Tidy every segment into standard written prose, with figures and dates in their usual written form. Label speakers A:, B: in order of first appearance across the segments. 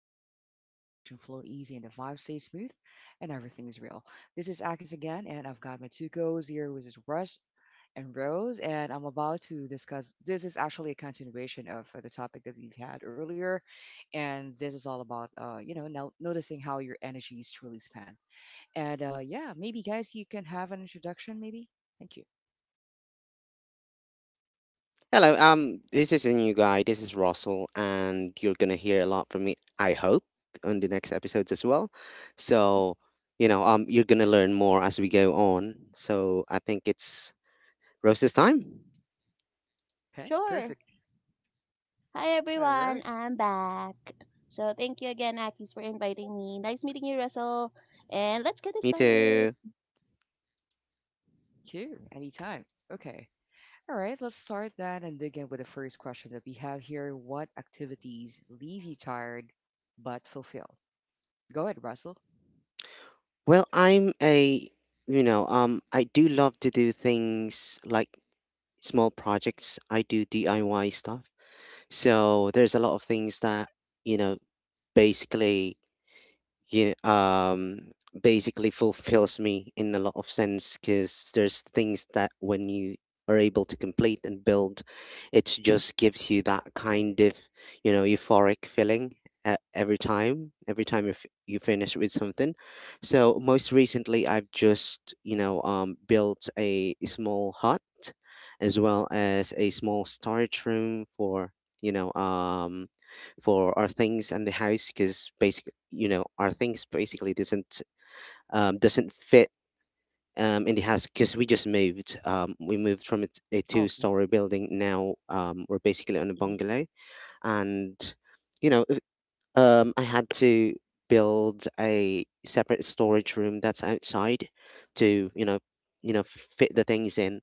A: chill zone where conversation flow easy and the vibe stays smooth and everything is real. This is Akis again and I've got my two goes here which is Rush and Rose and I'm about to discuss this is actually a continuation of the topic that we've had earlier and this is all about you know now noticing how your energy is truly spent. And yeah, maybe guys you can have an introduction maybe. Thank you.
B: Hello, this is a new guy. This is Russell, and you're gonna hear a lot from me, I hope, on the next episodes as well. So,
A: Mhm.
B: you know, um, you're gonna learn more as we go on. So, I think it's Rose's time.
C: Sure.
A: Okay, perfect. Hi
C: Hi
A: Rose.
C: everyone, I'm back. So thank you again, Akis, for inviting me. Nice meeting you, Russell. And let's get it
B: Me
C: started.
B: too.
A: Thank you. Anytime. Okay. All right, let's start that and dig in with the first question that we have here. What activities leave you tired but fulfilled? Go ahead, Russell.
B: Well, I'm a, you know, I do love to do things like small projects. I do DIY stuff. There's a lot of things that, you know, basically you basically fulfills me in a lot of sense because there's things that when you are able to complete and build, it just gives you that kind of euphoric feeling every time you finish with something. So most recently, I've just built a small hut as well as a small storage room for you know um for our things and the house because basically our things basically doesn't fit in the house because we
A: Mm-hmm.
B: just moved from a, a
A: Okay.
B: two-story building. Now we're basically on a
A: Mm-hmm.
B: bungalow, and you know if- I had to build a separate storage room that's outside to fit the things in,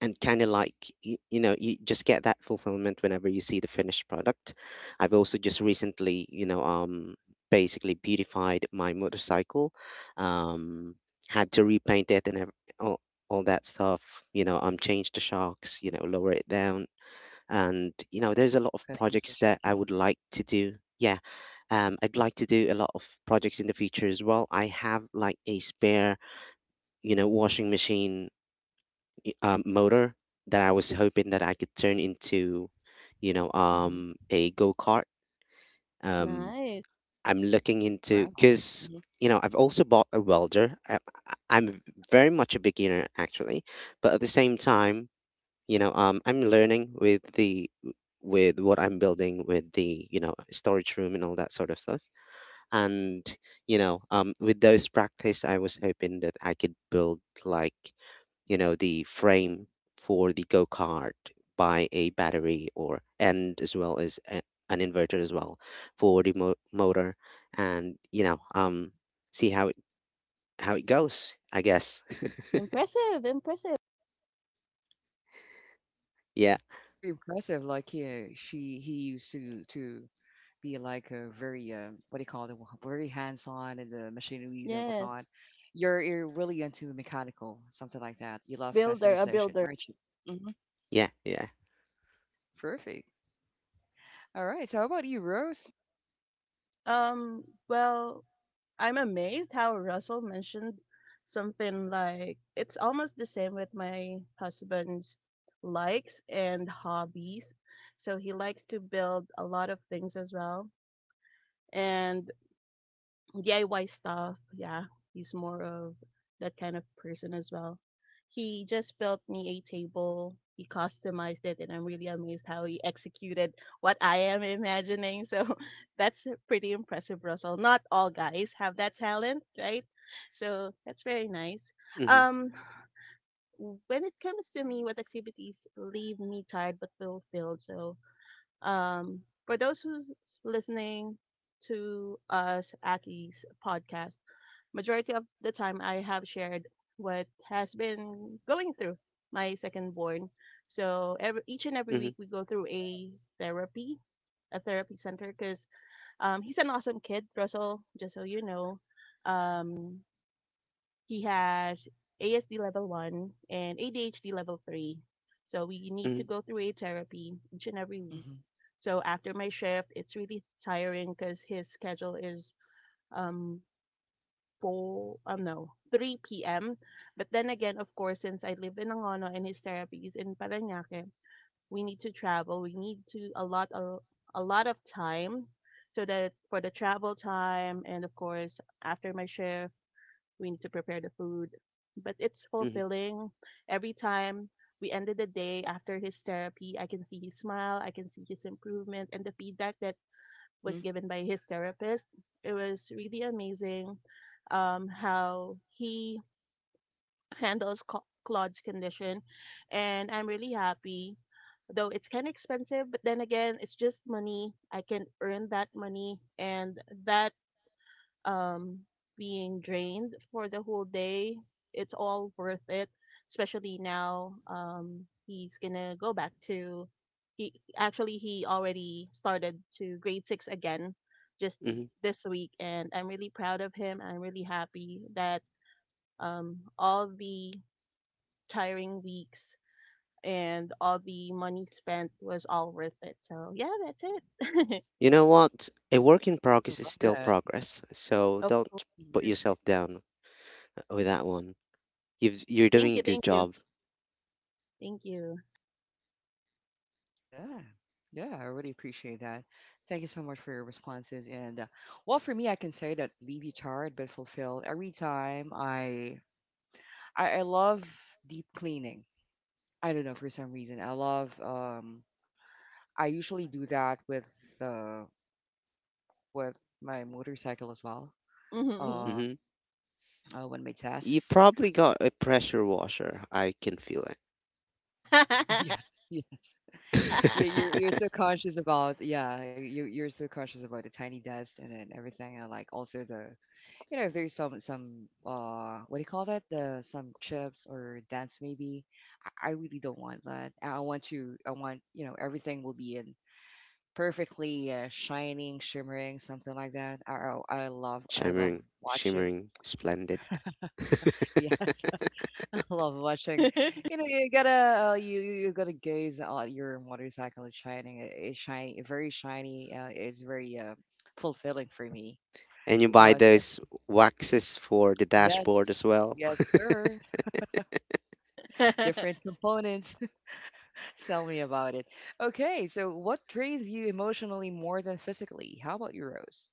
B: and kind of like you just get that fulfillment whenever you see the finished product. I've also just recently you know um basically beautified my motorcycle. um Had to repaint it and all, all that stuff, change the shocks,
A: Mm-hmm.
B: lower it down. And there's
A: Oh,
B: a lot of projects
A: customization.
B: that I
A: Mm-hmm.
B: would like to do. Yeah, I'd like to do a lot of projects in the future as well. I have like a spare, washing machine, motor, that I was hoping that I could turn into,
A: Mm-hmm.
B: a go kart. Um,
C: Nice.
B: I'm looking into,
A: Wow.
B: because
A: Mm-hmm.
B: I've also bought a welder. I'm very much a beginner actually, but at the same time, I'm learning with the with what I'm building with the storage room and all that sort of stuff. And with those practice, I was hoping that I could build like the frame for the go-kart by a battery, or and as well as a, an inverter as well for the motor, and see how it goes, I guess.
C: Impressive, impressive.
B: Yeah,
A: Very impressive. Like he, she, he used to be like a very what do you call it? Very hands-on in the machineries and
C: Yes.
A: whatnot. You're really into mechanical, something like that. You love
C: Builder, a
A: customization,
C: builder.
A: aren't you? Mm-hmm.
B: yeah, yeah.
A: Perfect. All right. So how about you, Rose?
C: Um, well, I'm amazed how Russell mentioned something like it's almost the same with my husband's likes and hobbies. So he likes to build a lot of things as well. And DIY stuff. Yeah, he's more of that kind of person as well. He just built me a table. He customized it, and I'm really amazed how he executed what I am imagining. So that's pretty impressive, Russell. Not all guys have that talent, right? So that's very nice.
B: Mm-hmm,
C: Um, when it comes to me, what activities leave me tired but fulfilled? So, um, for those who's listening to us, Aki's podcast, majority of the time I have shared what has been going through my second born. So every each and every
B: mm-hmm,
C: week we go through therapy, a therapy center, because he's an awesome kid, Russell. Just so you know, um, he has ASD level 1 and ADHD level 3. So we need
B: mm-hmm,
C: to go through a therapy each and every week.
A: Mhm,
C: So after my shift, it's really tiring because his schedule is um, four, no, 3 p.m. But then again, of course, since I live in Angono and his therapy is in Parañaque, we need to travel. We need to a lot of time so that for the travel time and of course after my shift, we need to prepare the food. But it's
B: mm-hmm,
C: fulfilling every time we ended the day after his therapy. I can see his smile, I can see his improvement, and the feedback that was
A: mhm.
C: given by his therapist. It was really amazing how he handles Claude's condition, and I'm really happy. Though it's kind of expensive, but then again, it's just money. I can earn that money, and that um, being drained for the whole day, it's all worth it. Especially now, he's gonna go back to. He already started to grade 6 again, just the,
B: mm-hmm.
C: this week, and I'm really proud of him. I'm really happy that all the tiring weeks and all the money spent was all worth it. So yeah, that's it.
B: You know what? A work in
A: Uh-huh,
B: progress is
A: love
B: still
A: that.
B: progress, so
C: Of
B: don't put
A: Mhm.
C: course.
B: yourself down with that one. You've, you're
C: Thank
B: doing
C: you,
B: a good
C: thank you,
B: job.
C: thank you.
A: Yeah. Yeah, I really appreciate that. Thank you so much for your responses. And well, for me, I can say that leave you tired but fulfilled. Every time I love deep cleaning. I don't know for some reason. I love. I usually do that uh, with my motorcycle as well. Uh,
B: Mm-hmm.
A: when my
B: You
A: tests.
B: probably got a pressure washer, I can feel it.
C: uh,
A: Yes, yes. You're, you're you're so conscious about yeah you're so conscious about the tiny dust and then everything and like also the you know if there's some what do you call that the some chips or dents maybe I really don't want that I want you know everything will be in perfectly shining shimmering something like that I love I love
B: Shimmering,
A: watching.
B: shimmering, splendid.
A: I love watching. You know, you gotta you gotta gaze at your motorcycle shining. It's shiny, very shiny. It's very fulfilling for me.
B: And you buy
A: Since
B: those waxes for the dashboard as
A: Yes,
B: well.
A: yes, sir. Different components. Tell me about it. Okay, so what drains you emotionally more than physically? How about you, Rose?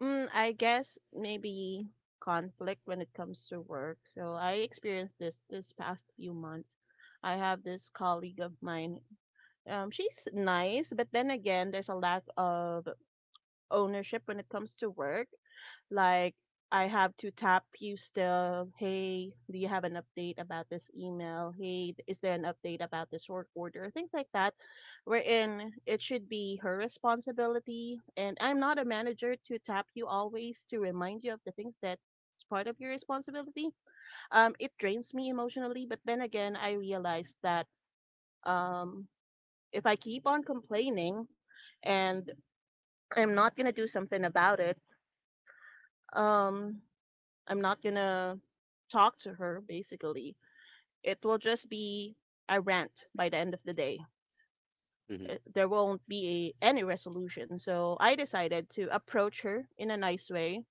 C: I guess maybe conflict when it comes to work. So I experienced this this past few months. I have this colleague of mine. She's nice, but then again, there's a lack of ownership when it comes to work. Like I have to tap you still. Hey, do you have an update about this email? Hey, is there an update about this work order? Things like that, wherein it should be her responsibility. And I'm not a manager to tap you always to remind you of the things that is part of your responsibility. It drains me emotionally, but then again, I realized that um, if I keep on complaining and I'm not gonna do something about it. Um, I'm not gonna talk to her basically. It will just be a rant by the end of the day.
B: Hmm.
C: There won't be any resolution. So I decided to approach her in a nice way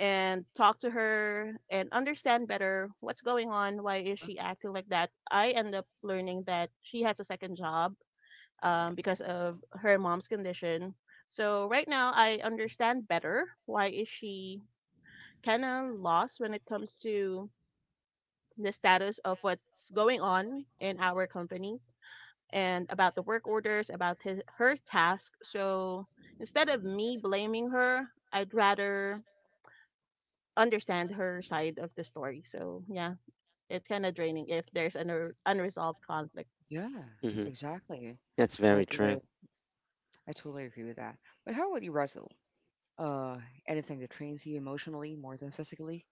C: and talk to her and understand better what's going on, why
A: Uh
C: is
A: huh.
C: she acting like that. I end up learning that she has a second job because of her mom's condition. So right now I understand better why is she kind of lost when it comes to the status of what's going on in our company and about the work orders, about her task. So instead of me blaming her, I'd rather understand her side of the story. So yeah, it's kind of draining if there's an unresolved conflict.
A: Yeah,
B: Hmm.
A: exactly.
B: That's very
A: Like
B: true.
A: I totally agree with that. But how about you, Russell? Uh, anything that drains you emotionally more than physically?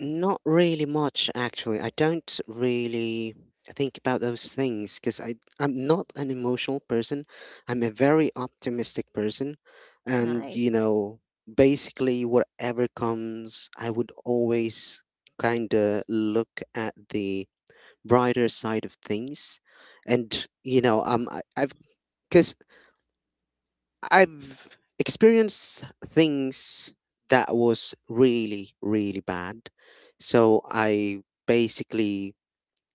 B: Not really much, actually. I don't really think about those things because I'm not an emotional person. I'm a very optimistic person, and
C: Nice.
B: basically whatever comes, I would always kind of look at the brighter side of things, and you know,
A: Wow.
B: I, I've because I've experienced things that was really, really bad. So I basically,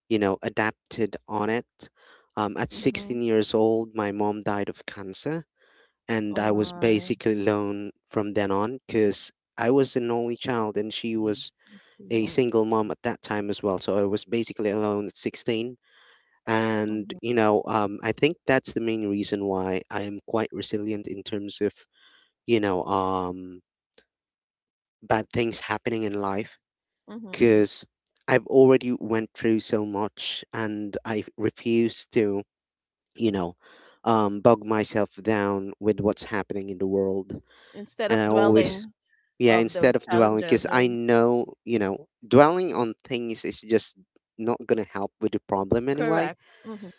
B: adapted on it. At
C: Mm-hmm.
B: 16 years old, my mom died of cancer, and
C: Oh
B: I was
C: my.
B: basically alone from then on because I was an only child and she
A: Mhm.
B: was
C: Let's
B: a
C: see.
A: Oh.
B: single mom at that time as well. So I was basically alone at 16. And,
C: Mm-hmm.
B: I think that's the main reason why I am quite resilient in terms of you know um bad things happening in life,
C: Mm-hmm. hmm
B: because I've already went through so much and I refuse to you know bog myself down with what's happening in the world.
C: Instead
B: And I
C: of
A: Mhm.
B: always
C: dwelling
B: Yeah,
C: of
B: instead
C: those
B: of dwelling, because
C: challenges.
B: I know dwelling on things is just not gonna help with the problem anyway,
C: Correct. Mm-hmm.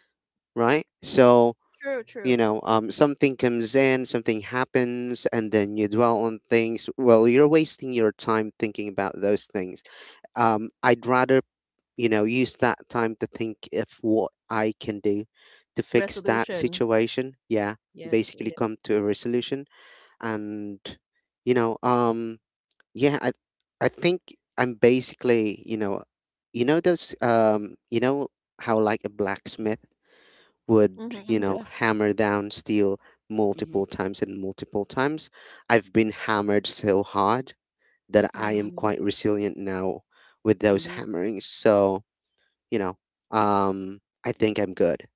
B: right? So
C: True. True.
B: something comes in, something happens, and then you dwell on things. Well, you're wasting your time thinking about those things. I'd rather use that time to think of what I can do to fix that
C: Resolution.
B: situation. Yeah,
C: Yes.
B: basically
C: Yeah.
B: come to a resolution. And you know um yeah i I think I'm basically you know those you know how like a
A: Mhm.
B: blacksmith would,
C: Mm-hmm. Mm-hmm.
A: Yeah.
B: hammer down steel multiple
A: Mhm.
B: times and multiple times. I've been hammered so hard that I am
A: Ah.
C: Mm-hmm.
B: quite resilient now with those
A: Mhm.
B: hammerings. So, you know, I think I'm good.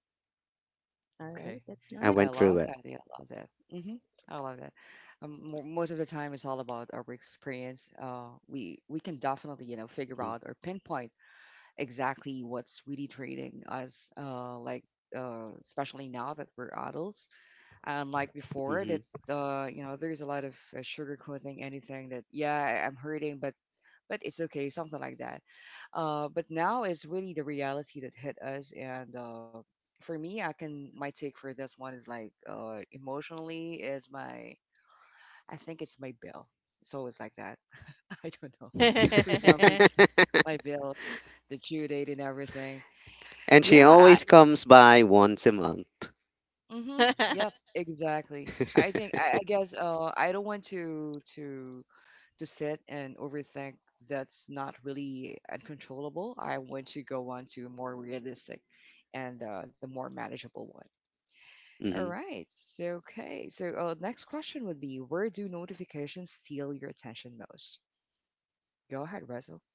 C: All right,
A: Okay.
C: that's
B: I
C: nice.
A: I
B: went through
A: love
B: it.
A: that. Yeah, I love that. Hmm. I love that. Most of the time, it's all about our experience. We can definitely you know figure out or pinpoint exactly what's really trading us. Especially now that we're adults, and like before
B: Mm-hmm.
A: that, you know, there's a lot of sugarcoating anything that yeah, I'm hurting, but it's okay, something like that. But now it's really the reality that hit us, and for me, I can my take for this one is like emotionally is my I think it's my bill. So it's always like that. I don't know for some reason my bills, the due date, and everything.
B: And she
A: Yeah.
B: always comes by once a month.
A: Mm-hmm. Yep. Exactly. I guess I don't want to sit and overthink that's not really uncontrollable. I want to go on to more realistic and the more manageable one. All
B: Hmm.
A: right. So, okay. So, next question would be where do notifications steal your attention most? Go ahead, Russell.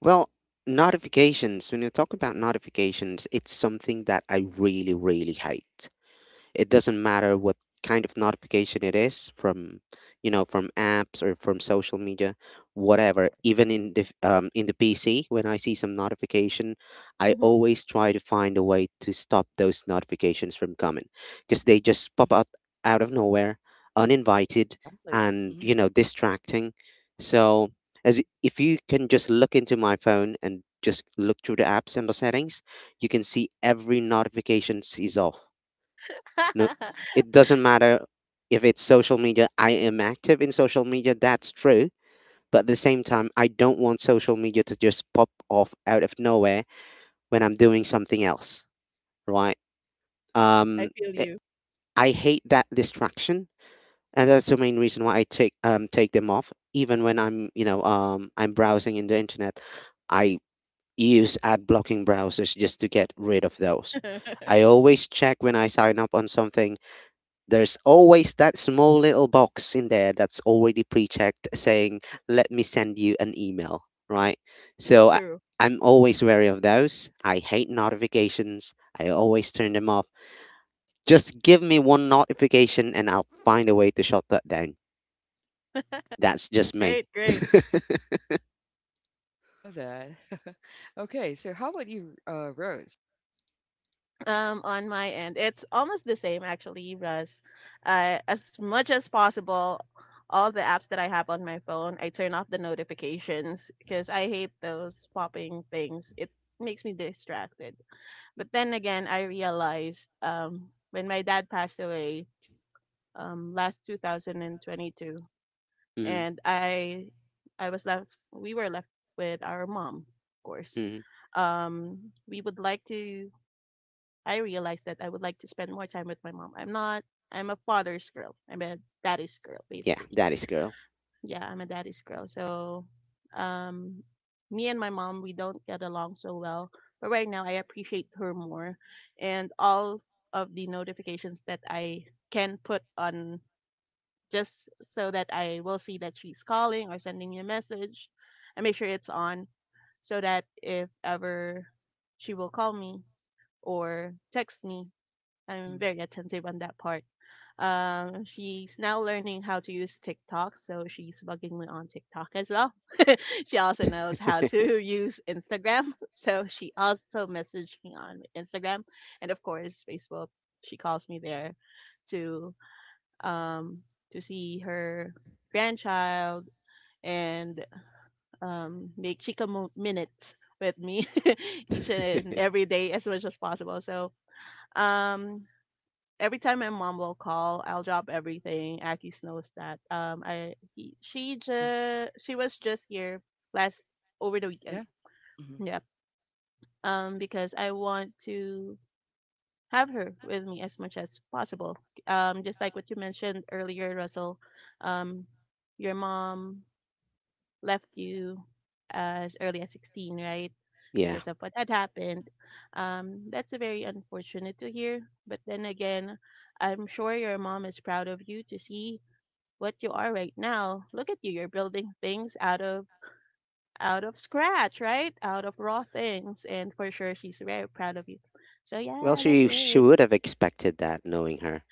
B: Well, notifications, when you talk about notifications, it's something that I really, really hate. It doesn't matter what kind of notification it is from, from apps or from social media, whatever. Even in in the PC, when I see some notification, I
C: Mhm.
B: always try to find a way to stop those notifications from coming because they just
A: Mhm.
B: pop out out of nowhere, uninvited,
A: Exactly.
B: and
A: Hmm.
B: distracting. So as if you can just look into my phone and just look through the apps and the settings, you can see every notification is off. No, it doesn't matter if it's social media. I am active in social media, that's true. But at the same time, I don't want social media to just pop off out of nowhere when I'm doing something else, right?
C: I
B: Um,
C: feel
B: I
C: you.
B: I hate that distraction, and that's the main reason why I take them off. Even when I'm I'm browsing in the internet, I use ad blocking browsers just to get rid of those. I always check when I sign up on something. There's always that small little box in there that's already pre checked saying, let me send you an email, right? So
C: True.
B: I'm always wary of those. I hate notifications. I always turn them off. Just give me one notification and I'll find a way to shut that down. That's just me.
C: Great, great.
A: Love that. Okay. So, how about you, Rose?
C: On my end, it's almost the same actually, Russ. As much as possible, all the apps that I have on my phone, I turn off the notifications because I hate those popping things. It makes me distracted. But then again, I realized when my dad passed away last 2022,
B: Mhm,
C: and I was left we were left with our mom, of course.
B: mhm.
C: We would like to I realized that I would like to spend more time with my mom. I'm not I'm a father's girl. I'm a daddy's girl
B: Yeah,
C: basically.
B: that is girl.
C: Yeah, I'm a daddy's girl. So um me and my mom we don't get along so well, but right now I appreciate her more and all of the notifications that I can put on just so that I will see that she's calling or sending me a message and make sure it's on so that if ever she will call me or text me,
A: Mhm.
C: I'm very attentive on that part. She's now learning how to use TikTok, so she's bugging me on TikTok as well. She also knows how to use Instagram, so she also messaged me on Instagram, and of course Facebook. She calls me there to um, to see her grandchild and make Chica minutes with me each and every day as much as possible. So um, every time my mom will call, I'll drop everything. Akis knows that. She
A: Mhm.
C: just she was just here last over the weekend.
A: Yeah. Hmm.
C: Yeah. Because I want to have her with me as much as possible. Just like what you mentioned earlier, Russell, um, your mom left you as early as 16, right?
B: Yeah.
C: Because of what had happened. That's a very unfortunate to hear. But then again, I'm sure your mom is proud of you to see what you are right now. Look at you, you're building things out of scratch, right? Out of raw things. And for sure she's very proud of you. So
B: Well,
C: yeah, that's
B: she
C: it.
B: would have expected that, knowing her.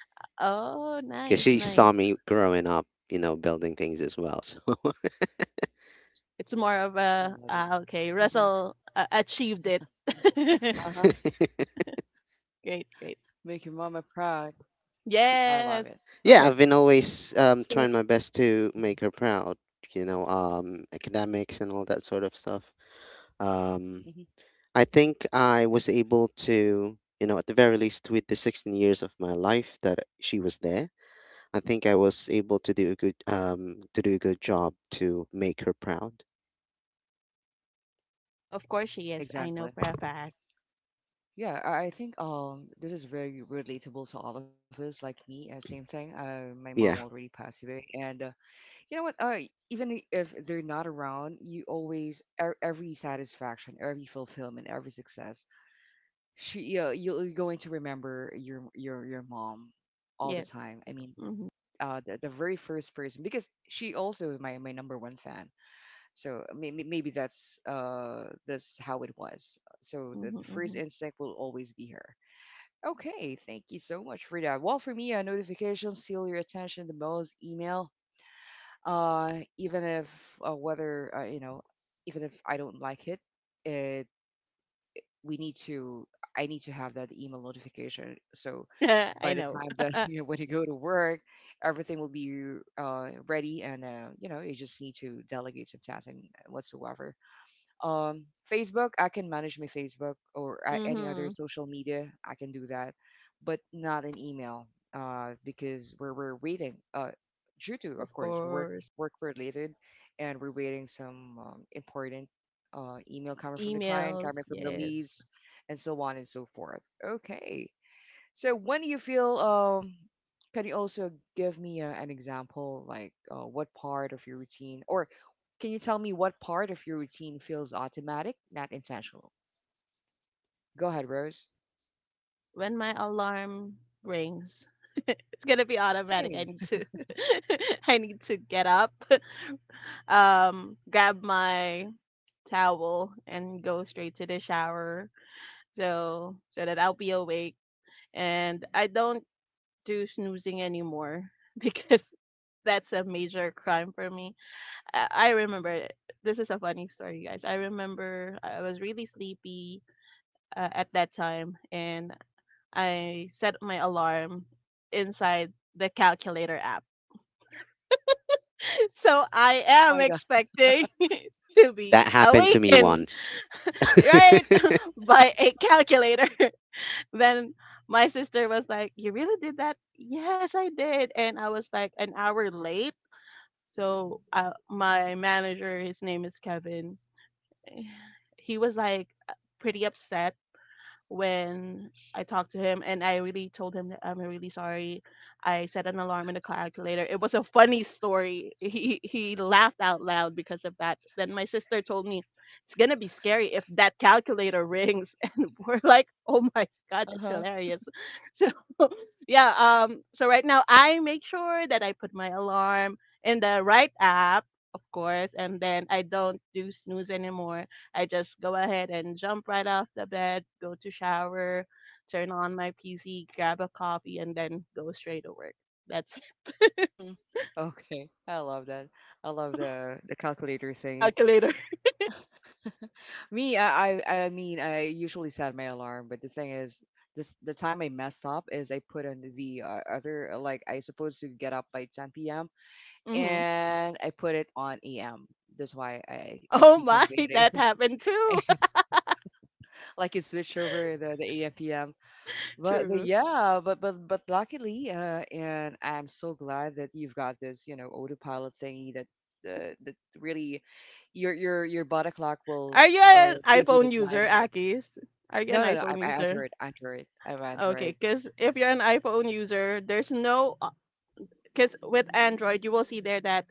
A: Yeah.
C: Oh,
B: Because
C: nice,
B: she
A: Mhm.
B: saw
C: nice.
B: me growing up, building things as well. So,
C: It's more of
A: I
C: a
A: love it.
C: ah, okay.
A: Mm-hmm.
C: Russell achieved it.
A: Uh-huh.
C: Great,
A: Make your
C: great.
A: mama proud. I love it. Okay.
C: Yes,
B: yeah, I've been
A: So
B: always trying my best
A: Mhm,
B: to make her proud, academics and all that sort of stuff.
A: mhm.
B: Um, I think I was able to, at the very least, with the 16 years of my life that she was there, I think I was able to do a good job to make her proud.
C: of course she is. I know
A: Exactly.
C: for a fact.
A: Yeah, I think this is very relatable to all of us, like me. Same thing. My mom
B: Yeah,
A: already passed away, and you know what? Even if they're not around, you always every satisfaction, every fulfillment, every success, she you're going to remember your mom all the
C: Yes.
A: time. I mean,
C: Mm-hmm,
A: the very first person because she also my number one fan. So maybe that's how it was. So
C: mm-hmm,
A: the first
C: mm-hmm.
A: instinct will always be her. Okay, thank you so much for that. Well, for me, notifications steal your attention the most. Email, even if whether you know, even if I don't like it we need to. I need to have that email notification. So by
C: I
A: the
C: know.
A: time that you know, when you go to work, everything will be ready, and you know you just need to delegate some tasks and whatsoever um, Facebook, I can manage my Facebook or any other
C: Mm-hmm.
A: social media. I can do that, but not an email because we're waiting due to, of
C: Of
A: course,
C: course.
A: work related, and we're waiting some important email coming from the client, coming
C: Emails.
A: from the
C: Yes.
A: leads, and so on and so forth. Okay. So when you feel, can you also give me an example, like what part of your routine, or can you tell me what part of your routine feels automatic, not intentional? Go ahead, Rose.
C: When my alarm rings, it's gonna be automatic. I
A: Same.
C: need to. I need to get up. Grab my towel and go straight to the shower so so that I'll be awake. And I don't do snoozing anymore because that's a major crime for me. I remember this is a funny story, guys. I remember I was really sleepy at that time, and I set my alarm inside the calculator app. So I
A: Oh
C: am
A: my God.
C: expecting to
B: that
C: be
B: happened to me
C: awakened,
B: once.
C: right, by a calculator. When my sister was like, "You really did that?" Yes, I did, and I was like an hour late. So my manager, his name is Kevin. eh, He was like pretty upset when I talked to him and I really told him that I'm really sorry. I set an alarm in the calculator. It was a funny story. He laughed out loud because of that. Then my sister told me it's gonna be scary if that calculator rings and we're like, oh my god,
A: Uh
C: that's
A: huh.
C: hilarious. So yeah, so right now I make sure that I put my alarm in the right app, of course, and then I don't do snooze anymore. I just go ahead and jump right off the bed, go to shower, turn on my PC, grab a coffee, and then go straight to work. That's
A: Mm-hmm. Okay, I love that. I love the calculator thingy.
C: calculator.
A: Me, I mean, I usually set my alarm, but the thing is, the time I messed up is I put on the other like I supposed to get up by 10 p.m.
C: Hmm
A: and I put it on AM. That's why I
C: Oh
A: keep on
C: my,
A: waiting.
C: that happened too.
A: Like it switched over the AM PM. But,
C: True.
A: luckily, and I'm so glad that you've got this, you know, autopilot thingy that that really your body clock
C: Are
A: will
C: you
A: uh,
C: an
A: give you the
C: iPhone user,
A: signs. That,
C: Akis? Are you an
A: no, no, no.
C: iPhone
A: I'm
C: user?
A: Android, Android. I'm
C: Okay,
A: Android.
C: because if you're an iPhone user, there's no because with Android you will see there that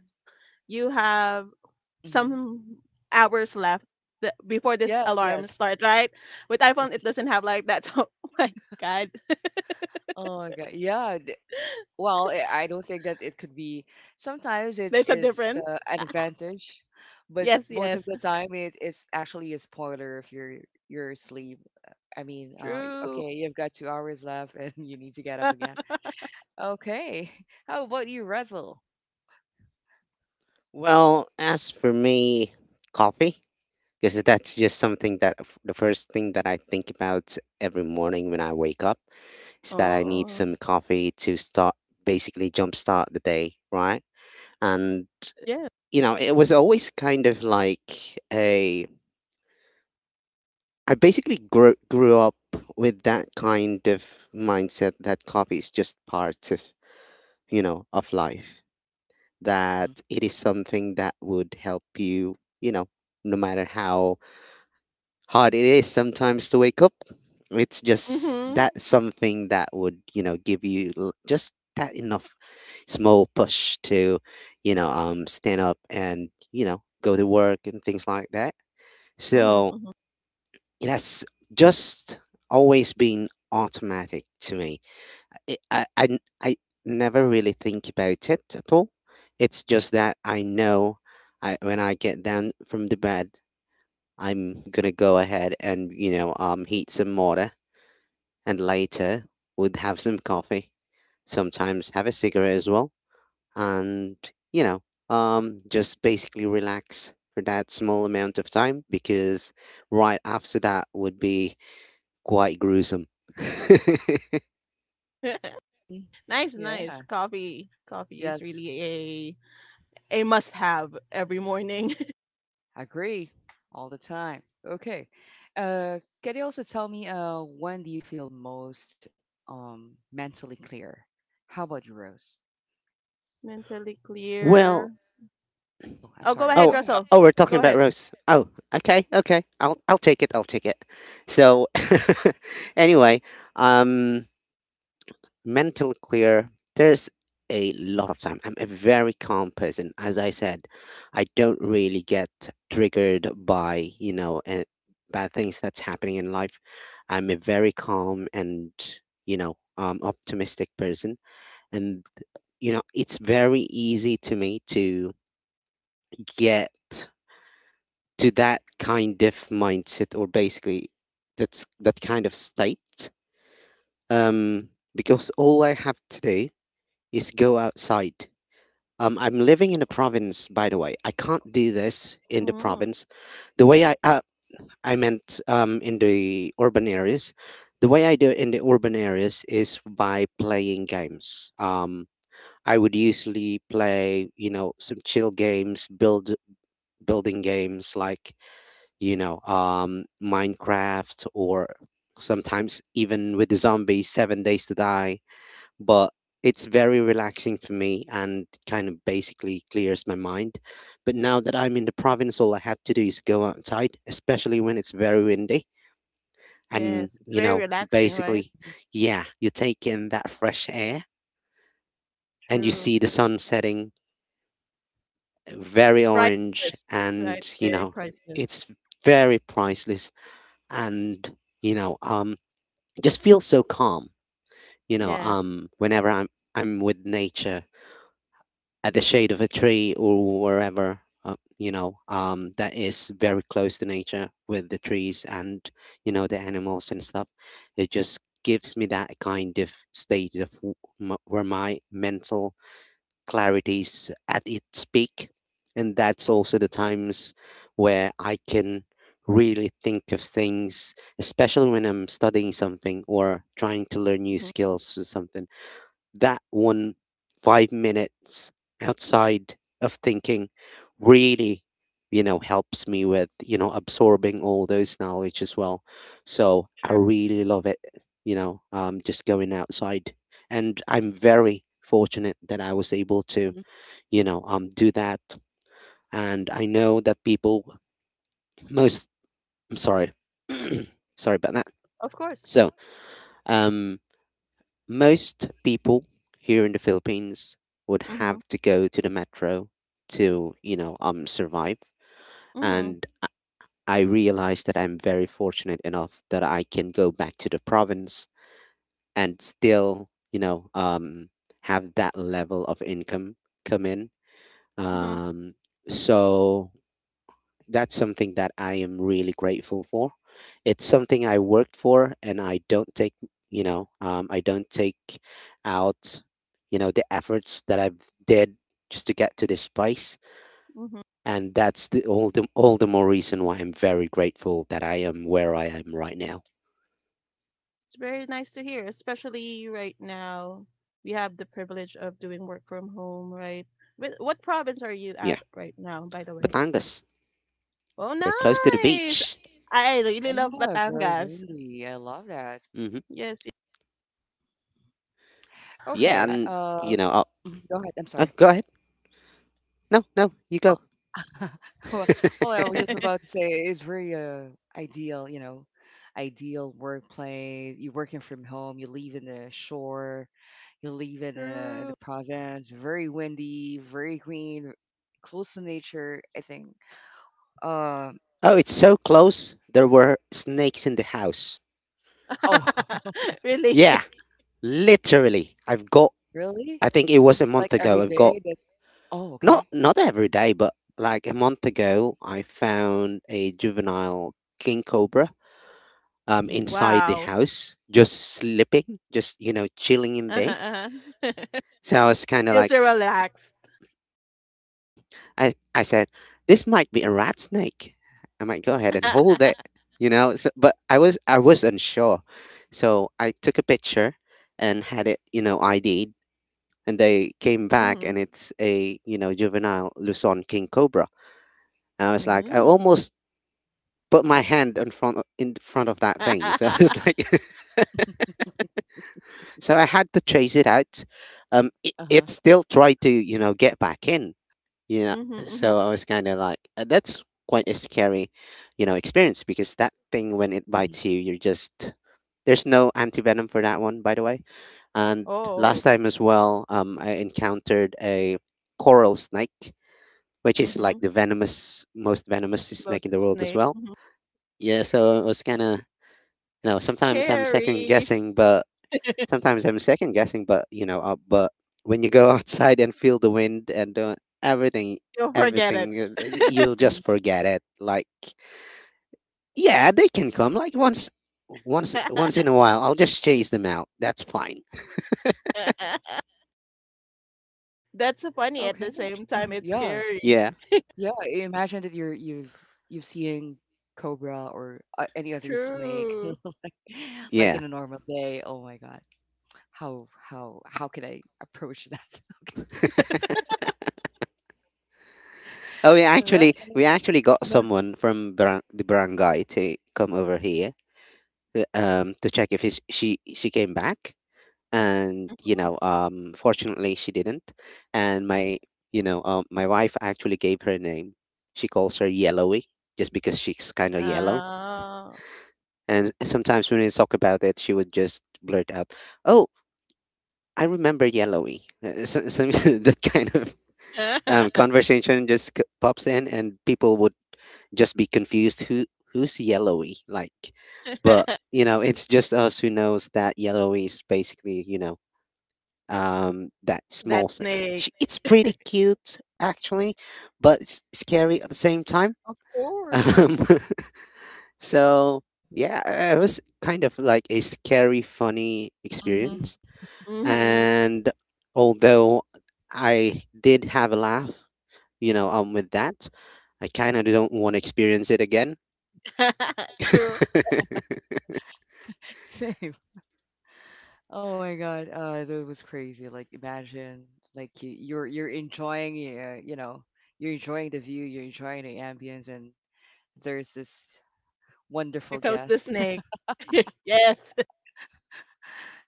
C: you have
A: Hmm.
C: some hours left before this
A: Yes,
C: alarm
A: yes,
C: start, right? With iPhone, it
A: yes.
C: doesn't have like that. So, oh my God,
A: Oh my God. Yeah, well, I don't think that it could be. Sometimes
C: there's a
A: it's
C: difference.
A: an advantage, but
C: Yes,
A: most of
C: yes,
A: the time it's actually a spoiler if you're asleep. I mean,
C: true.
A: okay, you've got 2 hours left and you need to get up again. Okay, how about you, Russell?
B: Well, as for me, coffee, because that's just something that the first thing that I think about every morning when I wake up is that I need
C: Oh,
B: some coffee to start, basically jumpstart the day, right? And,
C: yeah.
B: it was always kind of like a, I basically grew up with that kind of mindset that coffee is just part of, of life,
A: Mm-hmm.
B: that it is something that would help you, no matter how hard it is sometimes to wake up. It's just
C: Mm-hmm.
B: that something that would, give you just that enough small push to, stand up and, go to work and things like that.
C: Mm-hmm,
B: So
C: mm-hmm.
B: it has just always been automatic to me. It, I, n- I never really think about it at all. It's just that I know when I get down from the bed, I'm gonna go ahead and heat some water, and later would have some coffee. Sometimes have a cigarette as well, and you know just basically relax for that small amount of time because right after that would be quite gruesome.
A: Mm-hmm.
C: Nice,
A: Yeah.
C: nice. Coffee, coffee is
A: Yes.
C: really a must-have every morning.
A: Agree. All the time. Okay. Can you also tell me when do you feel most mentally clear? How about you, Rose?
C: Mentally
B: well,
C: clear.
A: Oh, I'm
C: Oh,
A: sorry.
C: go
A: Go
C: ahead,
B: oh
A: ahead.
C: Russell.
B: oh, we're talking
C: Go
B: about
C: ahead.
B: roast. Oh, okay, I'll take it, I'll take it. So anyway, um mentally clear. There's a lot of time. I'm a very calm person. As I said, I don't really get triggered by, bad things that's happening in life. I'm a very calm and, optimistic person. And, it's very easy to me to get to that kind of mindset, or basically that's that kind of state, um because all I have to do is go outside. I'm living in the province, by the way. I can't do this in the
C: Mm.
B: province. The way I meant in the urban areas. The way I do it in the urban areas is by playing games. I would usually play, some chill games, building games like Minecraft, or sometimes even with the zombies, 7 Days to Die, but it's very relaxing for me and kind of basically clears my mind. But now that I'm in the province, all I have to do is go outside, especially when it's very windy. And,
C: Yes, it's very relaxing, right?
B: basically,
A: Mhm,
B: yeah, you take in that fresh air and you
C: True.
B: see the sun setting very orange
C: Priceless, right?
B: and,
C: Very priceless.
B: it's very priceless and, just feel so calm,
C: Yes.
B: whenever I'm with nature at the shade of a tree or wherever that is very close to nature with the trees and the animals and stuff. It just gives me that kind of state of where my mental clarity is at its peak, and that's also
A: mhm,
B: the times where I can really think of things, especially when I'm studying something or trying to learn new
C: hmm
B: skills or something. That one 5 minutes outside of thinking really, helps me with absorbing all those knowledge as well. So I really love it, just going outside. And I'm very fortunate that I was able to,
A: mhm.
B: do that. And I know that people, most, I'm sorry. Sorry about that.
C: Of course.
B: So um most people here in the Philippines would
C: Mm-hmm.
B: have to go to the metro to, survive.
C: Mm-hmm.
B: And I realize that I'm very fortunate enough that I can go back to the province and still, have that level of income come in.
C: Mm-hmm.
B: Um, so that's something that I am really grateful for. It's something I worked for, and I don't take, I don't take out, the efforts that I've did just to get to this place.
C: Mm-hmm.
B: And that's the more reason why I'm very grateful that I am where I am right now.
C: It's very nice to hear, especially right now. We have the privilege of doing work from home, right? What province are you
B: Yeah,
C: at right now, by the way?
B: Batangas,
C: Oh,
B: we're close to the
C: nice.
B: beach.
C: I really love
A: Yeah, very
C: Batangas.
A: windy. I love that.
B: Hmm.
C: Yes, yeah.
A: Okay.
B: Yeah, and you know, oh,
A: Mhm, go ahead. I'm sorry.
B: oh, go ahead. No, no, you go.
A: Well, well, I was just about to say it's very ideal, you know, ideal workplace. You're working from home. You live in the shore. You live in a
C: True.
A: province. Very windy. Very green. Close to nature. I think. Um.
B: Oh, it's so close. There were snakes in the house.
A: Oh,
C: Really?
B: Yeah. Literally, I've got.
A: really?
B: I think it was a month
A: Like
B: ago.
A: every
B: I've got,
A: day? That. Oh, okay.
B: not every day, but like a month ago, I found a juvenile king cobra
A: Mm-hmm.
B: inside the
C: Wow.
B: house, just sleeping, just chilling in
C: Uh-huh,
B: there.
C: uh-huh.
B: So I was kind of
C: Feels
B: like,
C: so relaxed.
B: I said, this might be a rat snake. I might go ahead and hold it, you know. So, but I was unsure, so I took a picture and had it, you know, ID'd, and they came back
C: Mm-hmm.
B: and it's a, juvenile Luzon king cobra. And I was like, I
C: Mm.
B: almost put my hand in front of that thing. So I
C: Mm-hmm.
B: was like, so I had to chase it out. It,
A: uh
B: it still tried to get back in. You know,
C: Mm-hmm.
B: so I was kind of like, that's quite a scary, you know, experience because that thing when it
A: huh.
B: bites you, you're just, there's no antivenom for that one, by the way. And
C: Oh.
B: last time as well, I encountered a coral snake, which is like
C: Mm-hmm.
B: the venomous, most venomous snake in the
C: Bosun
B: world as
C: snake.
B: well.
C: Mhm.
B: Yeah, so it was kind of, sometimes I'm second
C: Scary.
B: guessing, but sometimes I'm second guessing, but but when you go outside and feel the wind and everything,
C: You'll forget it.
B: everything, you'll just
A: Mhm.
B: forget it. Like yeah, they can come like once in a while. I'll just chase them out. That's fine.
C: That's so funny
A: Okay.
C: at the same
A: Mhm.
C: time. It's
A: Yeah.
C: scary.
B: Yeah.
A: Yeah. I imagine that you've seen cobra or any other snake
C: True.
A: like
B: Yeah.
A: in a normal day. Oh my God. How can I approach that? Okay.
B: Oh,
A: All right.
B: we actually got someone from the barangay to come over here to check if she came back, and
C: Mhm.
B: fortunately she didn't. And my, my wife actually gave her a name. She calls her Yellowy just because she's kind of yellow,
C: Oh.
B: and sometimes when we talk about it, she would just blurt out, "Oh, I remember Yellowy." Some, that kind of conversation just pops in, and people would just be confused who's Yellowy, like, but it's just us who knows that Yellowy is basically, that small
C: That
B: thing.
C: snake.
B: She, it's pretty cute actually, but it's scary at the same time.
C: Of course.
B: um so yeah, it was kind of like a scary funny
A: Mm-hmm.
B: experience.
C: Hmm
B: And although I did have a laugh, with that, I kind of don't want to experience it again.
C: True.
A: Same. Oh my God. That was crazy. Like imagine like you're enjoying you know you're enjoying the view, you're enjoying the ambience, and there's this
C: Here
A: wonderful
C: comes the
A: guest
C: snake. Yes.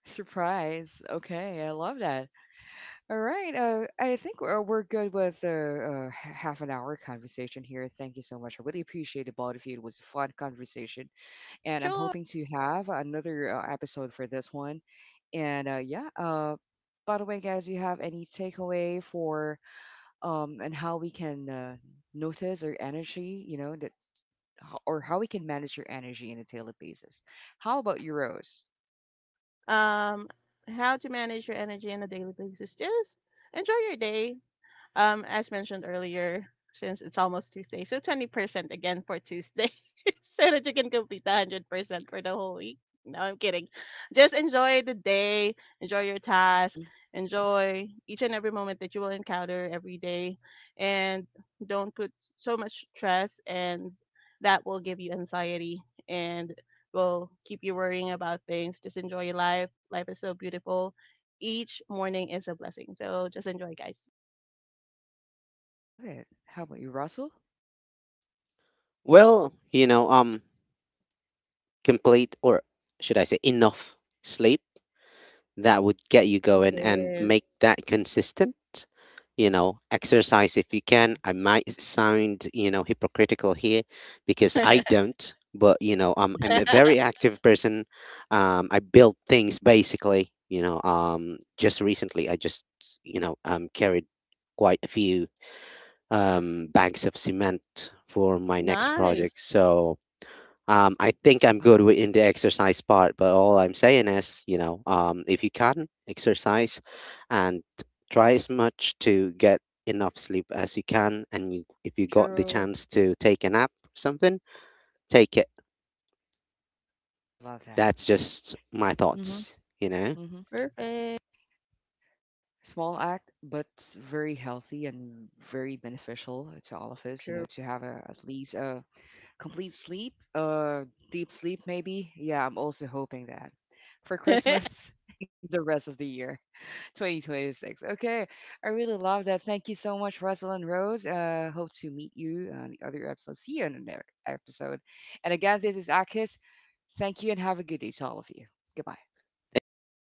A: surprise. Okay, I love that. All right. We're good with half an hour conversation here. Thank you so much. I really appreciate it, both of you. It was a fun conversation, and I'm
C: Sure.
A: hoping to have another episode for this one. And by the way, guys, you have any takeaway for and how we can notice our energy, you know, that or how we can manage your energy on a daily basis? How about you, Rose?
C: Um, how to manage your energy on a daily basis. Just enjoy your day. As mentioned earlier, since it's almost Tuesday, so 20% again for Tuesday so that you can complete the 100% for the whole week. No, I'm kidding. Just enjoy the day, enjoy your task,
A: Hmm.
C: enjoy each and every moment that you will encounter every day, and don't put so much stress, and that will give you anxiety and will keep you worrying about things. Just enjoy your life. Life is so beautiful. Each morning is a blessing. So just enjoy, guys.
A: Love it. How about you, Russell?
B: Well, complete or should I say enough sleep that would get you going and make
C: Yes.
B: that consistent. Exercise if you can. I
A: Hmm.
B: might sound, hypocritical here because I don't, but I'm a very active person. I build things basically. Just recently I just, carried quite a few bags of cement for my next
C: Nice.
B: project. I think I'm good with
A: Wow,
B: in the exercise part, but all I'm saying is, if you can exercise and try as much to get enough sleep as you can, and you, if you got the
C: True.
B: chance to take a nap or something, take it.
A: I love
B: That's
A: that.
B: just my thoughts,
A: Hmm.
B: you know.
A: Hmm.
C: Perfect.
A: Small act, but very healthy and very beneficial to all of us, you know,
C: True.
A: to have a, at least a complete sleep, deep sleep maybe. Yeah, I'm also hoping that for Christmas, the rest of the year, 2026. Okay, I really love that. Thank you so much, Russell and Rose. Hope to meet you on the other episode. See you in the next episode. And again, this is Akis. Thank you and have a good day to all of you. Goodbye.
B: Thank you, thank you.